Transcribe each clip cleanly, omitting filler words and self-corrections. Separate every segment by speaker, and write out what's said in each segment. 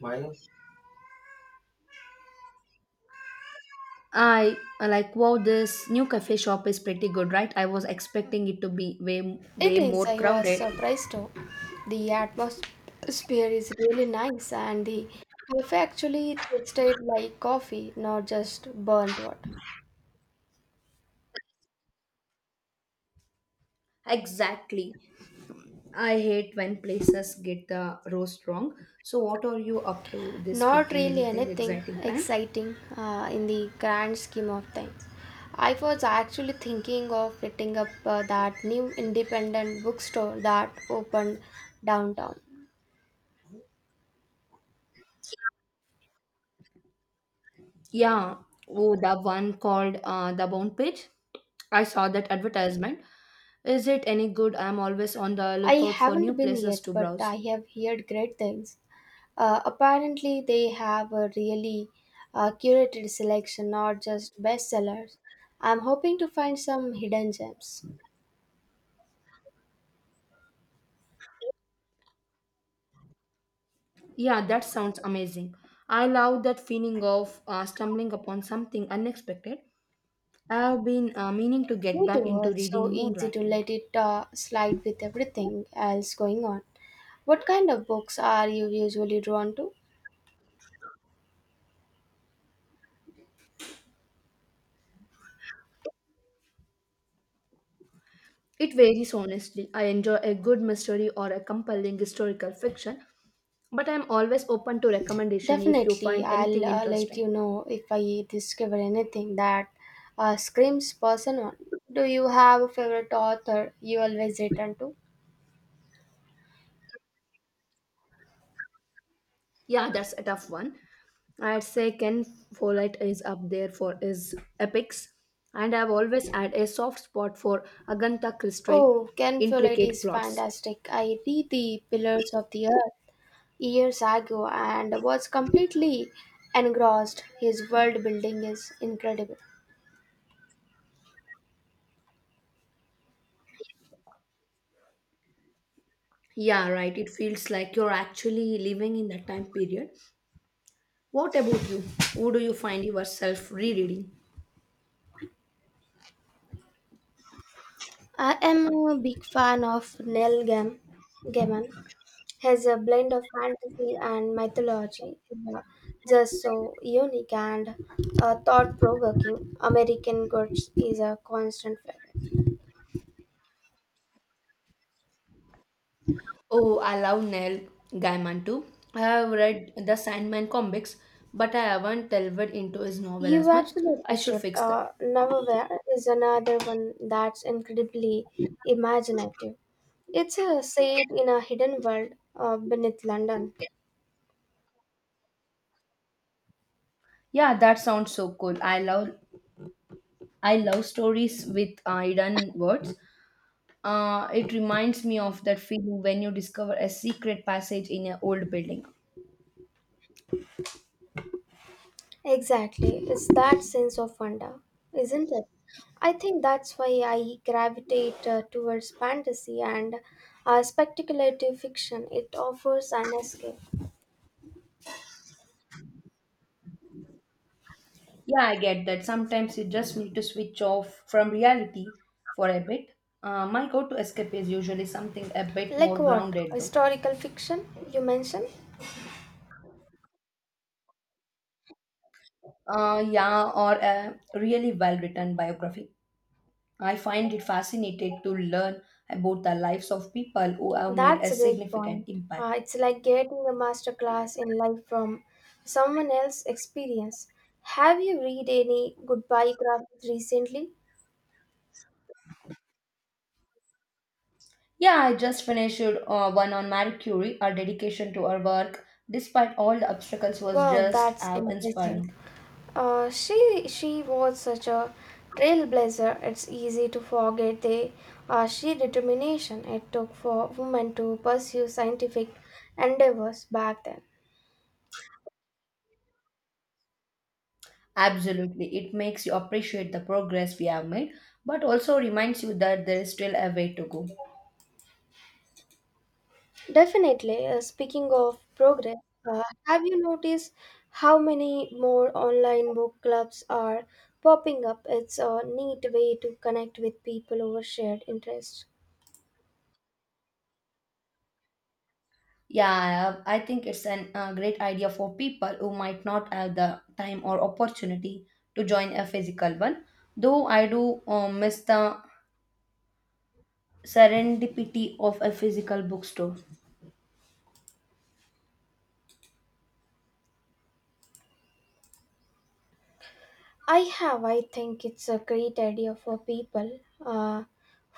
Speaker 1: Minus?
Speaker 2: I like wow, this new cafe shop is pretty good, right? I was expecting it to be way
Speaker 1: It
Speaker 2: way
Speaker 1: is.
Speaker 2: more
Speaker 1: I was
Speaker 2: crowded.
Speaker 1: surprised too. The atmosphere is really nice, and the coffee actually tasted like coffee, not just burnt water.
Speaker 2: Exactly. I hate when places get the roast wrong. So what are you up to this
Speaker 1: Not
Speaker 2: weekend?
Speaker 1: really
Speaker 2: Anything
Speaker 1: anything
Speaker 2: exciting planned?
Speaker 1: exciting in the grand scheme of things. I was actually thinking of hitting up that new independent bookstore that opened downtown.
Speaker 2: Yeah. Oh, the one called the Bound Page. I saw that advertisement. Is it any good? I'm always on the
Speaker 1: I
Speaker 2: lookout for new
Speaker 1: haven't been
Speaker 2: places
Speaker 1: yet,
Speaker 2: to
Speaker 1: but
Speaker 2: browse.
Speaker 1: I have heard great things. Apparently, they have a really curated selection, not just bestsellers. I'm hoping to find some hidden gems.
Speaker 2: Yeah, that sounds amazing. I love that feeling of stumbling upon something unexpected. I have been meaning to get
Speaker 1: Me
Speaker 2: back
Speaker 1: too.
Speaker 2: into
Speaker 1: It's so
Speaker 2: reading more
Speaker 1: easy to
Speaker 2: lately.
Speaker 1: let it slide with everything else going on. What kind of books are you usually drawn to?
Speaker 2: It varies honestly. I enjoy a good mystery or a compelling historical fiction, but I'm always open to recommendation if you
Speaker 1: Definitely,
Speaker 2: find
Speaker 1: I'll
Speaker 2: anything
Speaker 1: let
Speaker 2: interesting.
Speaker 1: you know if I discover anything that screams personal. Do you have a favorite author you always return to?
Speaker 2: Yeah, that's a tough one. I'd say Ken Follett is up there for his epics, and I've always had a soft spot for Agatha Christie
Speaker 1: Oh, Ken Follett
Speaker 2: intricate
Speaker 1: is
Speaker 2: plots.
Speaker 1: fantastic. I read The Pillars of the Earth years ago and was completely engrossed. His world building is incredible.
Speaker 2: Yeah, right. It feels like you're actually living in that time period. What about you? Who do you find yourself rereading?
Speaker 1: I am a big fan of Neil Gaiman. Gaiman has a blend of fantasy and mythology. Yeah. Just so unique and thought provoking, American Gods is a constant favorite.
Speaker 2: Oh, I love Neil Gaiman too. I have read the Sandman comics, but I haven't delved into his novel as
Speaker 1: You
Speaker 2: much. I
Speaker 1: absolutely
Speaker 2: should
Speaker 1: should.
Speaker 2: fix that.
Speaker 1: Neverwhere is another one that's incredibly imaginative. It's a set in a hidden world beneath London.
Speaker 2: Yeah, that sounds so cool. I love stories with hidden words. It reminds me of that feeling when you discover a secret passage in an old building.
Speaker 1: Exactly. It's that sense of wonder, isn't it? I think that's why I gravitate towards fantasy and speculative fiction. It offers an escape.
Speaker 2: Yeah, I get that. Sometimes you just need to switch off from reality for a bit. My go to escape is usually something a bit
Speaker 1: Like
Speaker 2: more
Speaker 1: what?
Speaker 2: grounded, though.
Speaker 1: Historical fiction, you mentioned?
Speaker 2: Yeah, or a really well written biography. I find it fascinating to learn about the lives of people who have made a
Speaker 1: That's a great
Speaker 2: significant
Speaker 1: point. Uh,
Speaker 2: impact.
Speaker 1: it's like getting a masterclass in life from someone else's experience. Have you read any good biographies recently?
Speaker 2: Yeah, I just finished one on Marie Curie. Her dedication to her work, despite all the obstacles, was
Speaker 1: Wow,
Speaker 2: just
Speaker 1: that's impressive.
Speaker 2: inspiring.
Speaker 1: She was such a trailblazer. It's easy to forget the sheer determination it took for women to pursue scientific endeavors back then.
Speaker 2: Absolutely. It makes you appreciate the progress we have made, but also reminds you that there is still a way to go.
Speaker 1: Definitely. Speaking of progress, have you noticed how many more online book clubs are popping up? It's a neat way to connect with people over shared interests.
Speaker 2: Yeah, I think it's a great idea for people who might not have the time or opportunity to join a physical one, though I do miss the serendipity of a physical bookstore.
Speaker 1: I have. I think it's a great idea for people uh,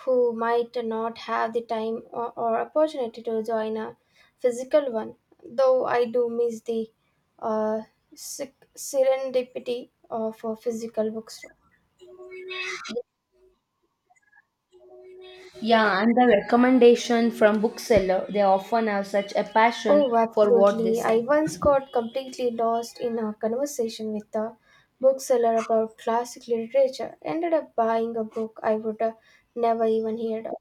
Speaker 1: who might not have the time or opportunity to join a physical one. Though I do miss the uh, serendipity of a physical bookstore.
Speaker 2: Yeah, and the recommendation from bookseller, they often have such a passion
Speaker 1: Oh,
Speaker 2: for what they
Speaker 1: absolutely. I
Speaker 2: sell.
Speaker 1: once got completely lost in a conversation with a bookseller about classic literature. Ended up buying a book I would never even heard of.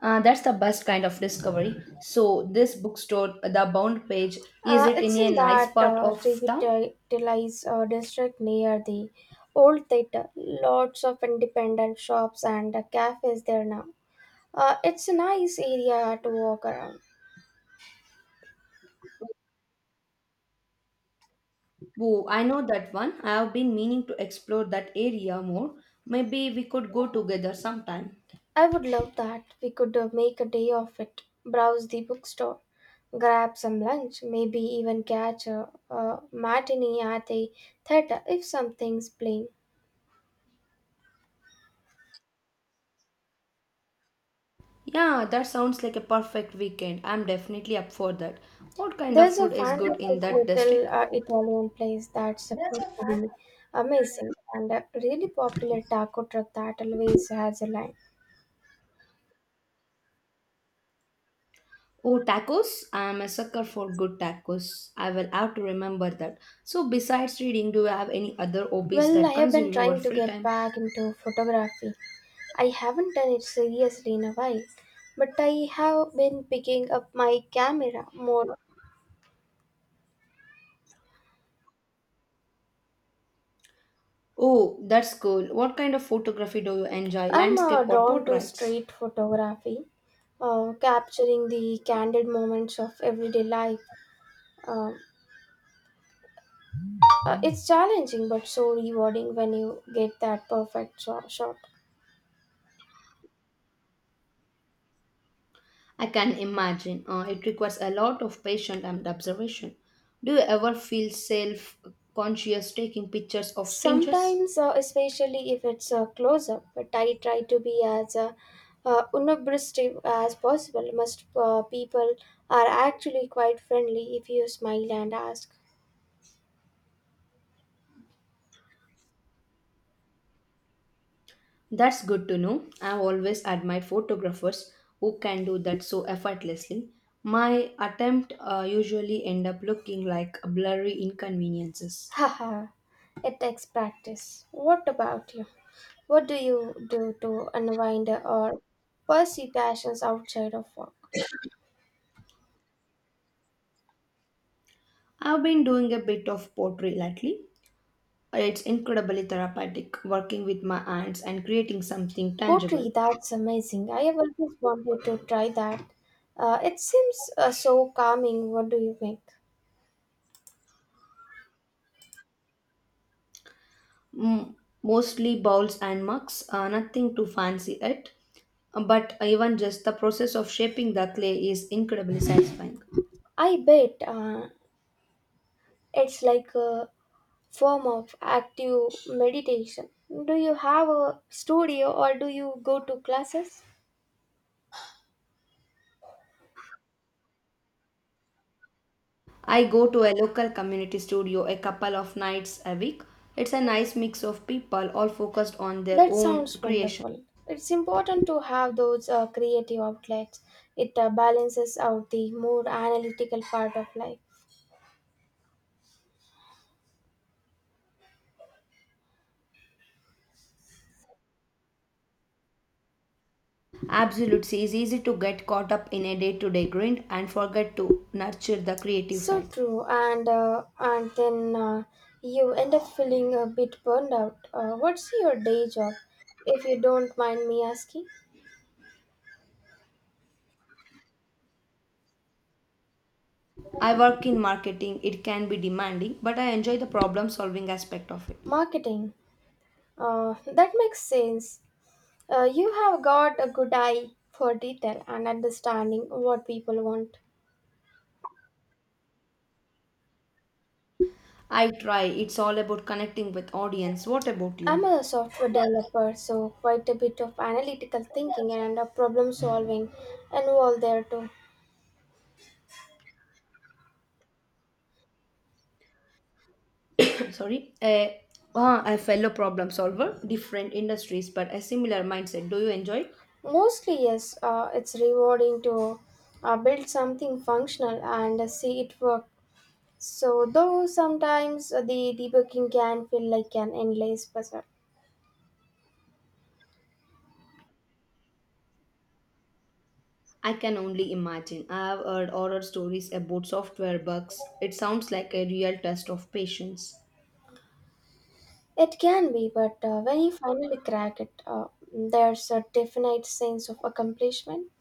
Speaker 2: That's the best kind of discovery. So, this bookstore, the Bound Page, is
Speaker 1: Uh,
Speaker 2: it in
Speaker 1: it's in
Speaker 2: a nice
Speaker 1: that
Speaker 2: part of town?
Speaker 1: revitalized district near the old theater. Lots of independent shops and cafes there now. It's a nice area to walk around.
Speaker 2: Oh, I know that one. I have been meaning to explore that area more. Maybe we could go together sometime.
Speaker 1: I would love that. We could make a day of it. Browse the bookstore, grab some lunch, maybe even catch a matinee at the theater if something's playing.
Speaker 2: Yeah, that sounds like a perfect weekend. I'm definitely up for that. What kind of
Speaker 1: There's a
Speaker 2: food is good in
Speaker 1: fantastic
Speaker 2: that
Speaker 1: little
Speaker 2: district?
Speaker 1: Italian place that's supposed to be amazing and a really popular taco truck that always has a line.
Speaker 2: Oh, tacos? I'm a sucker for good tacos. I will have to remember that. So, besides reading, do you have any other hobbies
Speaker 1: Well, I
Speaker 2: that
Speaker 1: have been
Speaker 2: consume your
Speaker 1: trying to
Speaker 2: free
Speaker 1: get
Speaker 2: time?
Speaker 1: back into photography. I haven't done it seriously in a while, but I have been picking up my camera more.
Speaker 2: Oh, that's cool. What kind of photography do you enjoy?
Speaker 1: I'm
Speaker 2: Landscape
Speaker 1: uh,
Speaker 2: or
Speaker 1: drawn to
Speaker 2: portraits?
Speaker 1: street photography, capturing the candid moments of everyday life. Um it's challenging but so rewarding when you get that perfect shot.
Speaker 2: I can imagine. It requires a lot of patience and observation. Do you ever feel self conscious taking pictures of strangers?
Speaker 1: Sometimes, especially if it's a close up, but I try to be as unobtrusive as possible. Most people are actually quite friendly if you smile and ask,
Speaker 2: That's good to know. I've always admired photographers who can do that so effortlessly. My attempt usually end up looking like blurry inconveniences.
Speaker 1: haha, it takes practice. What about you? What do you do to unwind or pursue passions outside of work?
Speaker 2: I've been doing a bit of pottery lately. It's incredibly therapeutic working with my hands and creating something
Speaker 1: Pottery,
Speaker 2: tangible.
Speaker 1: that's amazing. I have always wanted to try that. It seems so calming. What do you think?
Speaker 2: Mm, mostly bowls and mugs, nothing too fancy it. But even just the process of shaping the clay is incredibly satisfying.
Speaker 1: I bet it's like a form of active meditation. Do you have a studio or do you go to classes?
Speaker 2: I go to a local community studio a couple of nights a week. It's a nice mix of people all focused on their
Speaker 1: That
Speaker 2: own
Speaker 1: sounds
Speaker 2: creation.
Speaker 1: wonderful. It's important to have those creative outlets. It balances out the more analytical part of life.
Speaker 2: Absolutely, it's easy to get caught up in a day to day grind and forget to nurture the creative
Speaker 1: So
Speaker 2: side.
Speaker 1: true, and then you end up feeling a bit burned out. What's your day job, if you don't mind me asking?
Speaker 2: I work in marketing, it can be demanding, but I enjoy the problem solving aspect of it.
Speaker 1: Marketing. That makes sense. You have got a good eye for detail and understanding what people want.
Speaker 2: I try, it's all about connecting with audience. What about you?
Speaker 1: I'm a software developer, so quite a bit of analytical thinking and problem solving involved there too.
Speaker 2: Sorry. A fellow problem solver, different industries, but a similar mindset. Do you enjoy it?
Speaker 1: Mostly, yes, it's rewarding to build something functional and see it work. So, though sometimes the debugging can feel like an endless puzzle.
Speaker 2: I can only imagine. I have heard horror stories about software bugs. It sounds like a real test of patience.
Speaker 1: It can be, but when you finally crack it, there's a definite sense of accomplishment.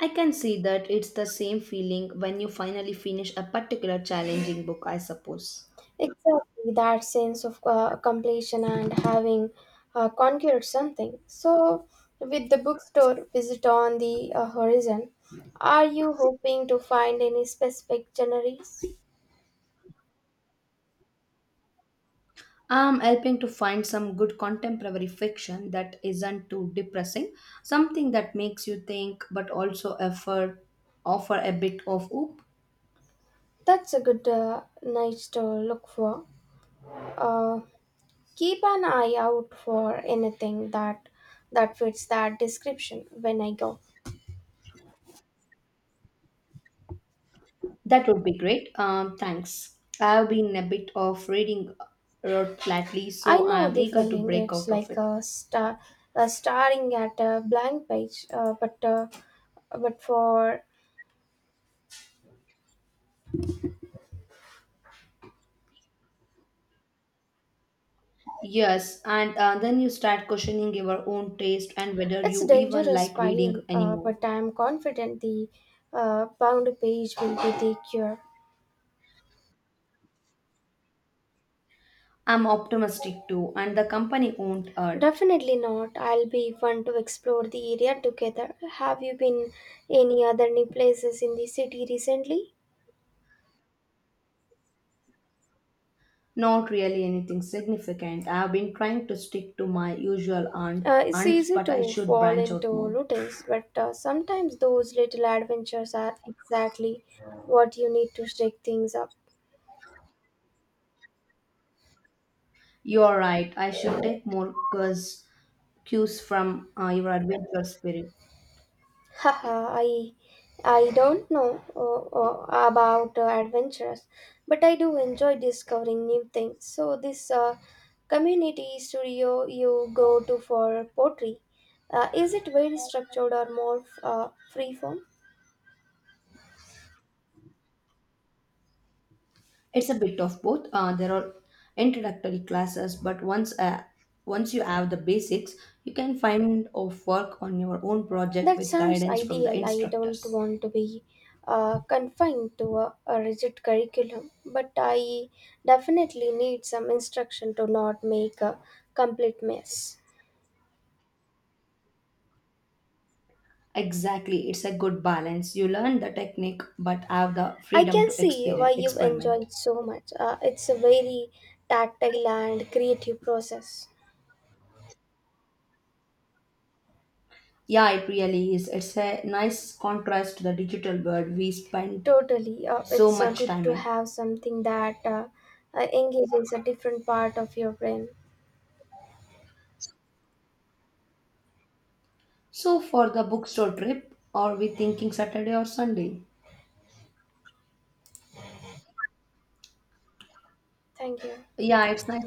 Speaker 2: I can see that it's the same feeling when you finally finish a particular challenging book, I suppose.
Speaker 1: Exactly, that sense of completion and having conquered something. So, with the bookstore visit on the horizon, are you hoping to find any specific genres?
Speaker 2: I'm helping to find some good contemporary fiction that isn't too depressing, something that makes you think but also offer a bit of hope.
Speaker 1: That's a good niche to look for. Uh, keep an eye out for anything that fits that description when I go.
Speaker 2: That would be great. Thanks. I've been a bit of reading rot lately,
Speaker 1: I
Speaker 2: so
Speaker 1: know
Speaker 2: I'm
Speaker 1: the
Speaker 2: eager to
Speaker 1: feeling.
Speaker 2: break
Speaker 1: It's
Speaker 2: out of
Speaker 1: like
Speaker 2: it.
Speaker 1: a staring at a blank page, but for
Speaker 2: Yes, and then you start questioning your own taste and whether
Speaker 1: it's a
Speaker 2: you even
Speaker 1: dangerous
Speaker 2: like reading
Speaker 1: spiral. Uh,
Speaker 2: anymore.
Speaker 1: but I'm confident the bound page will be the cure.
Speaker 2: I'm optimistic too, and the company owned art.
Speaker 1: Definitely not. I'll be fun to explore the area together. Have you been any other new places in the city recently?
Speaker 2: Not really anything significant. I have been trying to stick to my usual aunt,
Speaker 1: It's
Speaker 2: aunts,
Speaker 1: easy
Speaker 2: but I
Speaker 1: to
Speaker 2: should
Speaker 1: fall
Speaker 2: branch out
Speaker 1: into
Speaker 2: more.
Speaker 1: routines, but sometimes those little adventures are exactly what you need to shake things up.
Speaker 2: You are right. I should take more cues, cues from your adventure spirit.
Speaker 1: Haha, I don't know about adventures, but I do enjoy discovering new things. So this community studio you go to for pottery, is it very structured or more free form?
Speaker 2: It's a bit of both. There are introductory classes, but once you have the basics, you can find of work on your own project
Speaker 1: That
Speaker 2: with
Speaker 1: sounds
Speaker 2: guidance from the
Speaker 1: ideal. I don't
Speaker 2: instructors.
Speaker 1: want to be confined to a rigid curriculum, but I definitely need some instruction to not make a complete mess.
Speaker 2: Exactly, it's a good balance. You learn the technique, but have the
Speaker 1: I
Speaker 2: freedom
Speaker 1: can
Speaker 2: to
Speaker 1: see why
Speaker 2: experien
Speaker 1: you've
Speaker 2: experiment.
Speaker 1: enjoyed so much. It's a very tactile and creative process.
Speaker 2: Yeah, it really is. It's a nice contrast to the digital world we spend
Speaker 1: Totally. Uh,
Speaker 2: so
Speaker 1: it's uh,
Speaker 2: much
Speaker 1: good
Speaker 2: time
Speaker 1: to
Speaker 2: in.
Speaker 1: have something that engages a different part of your brain.
Speaker 2: So, for the bookstore trip, are we thinking Saturday or Sunday?
Speaker 1: Thank you.
Speaker 2: Yeah, it's nice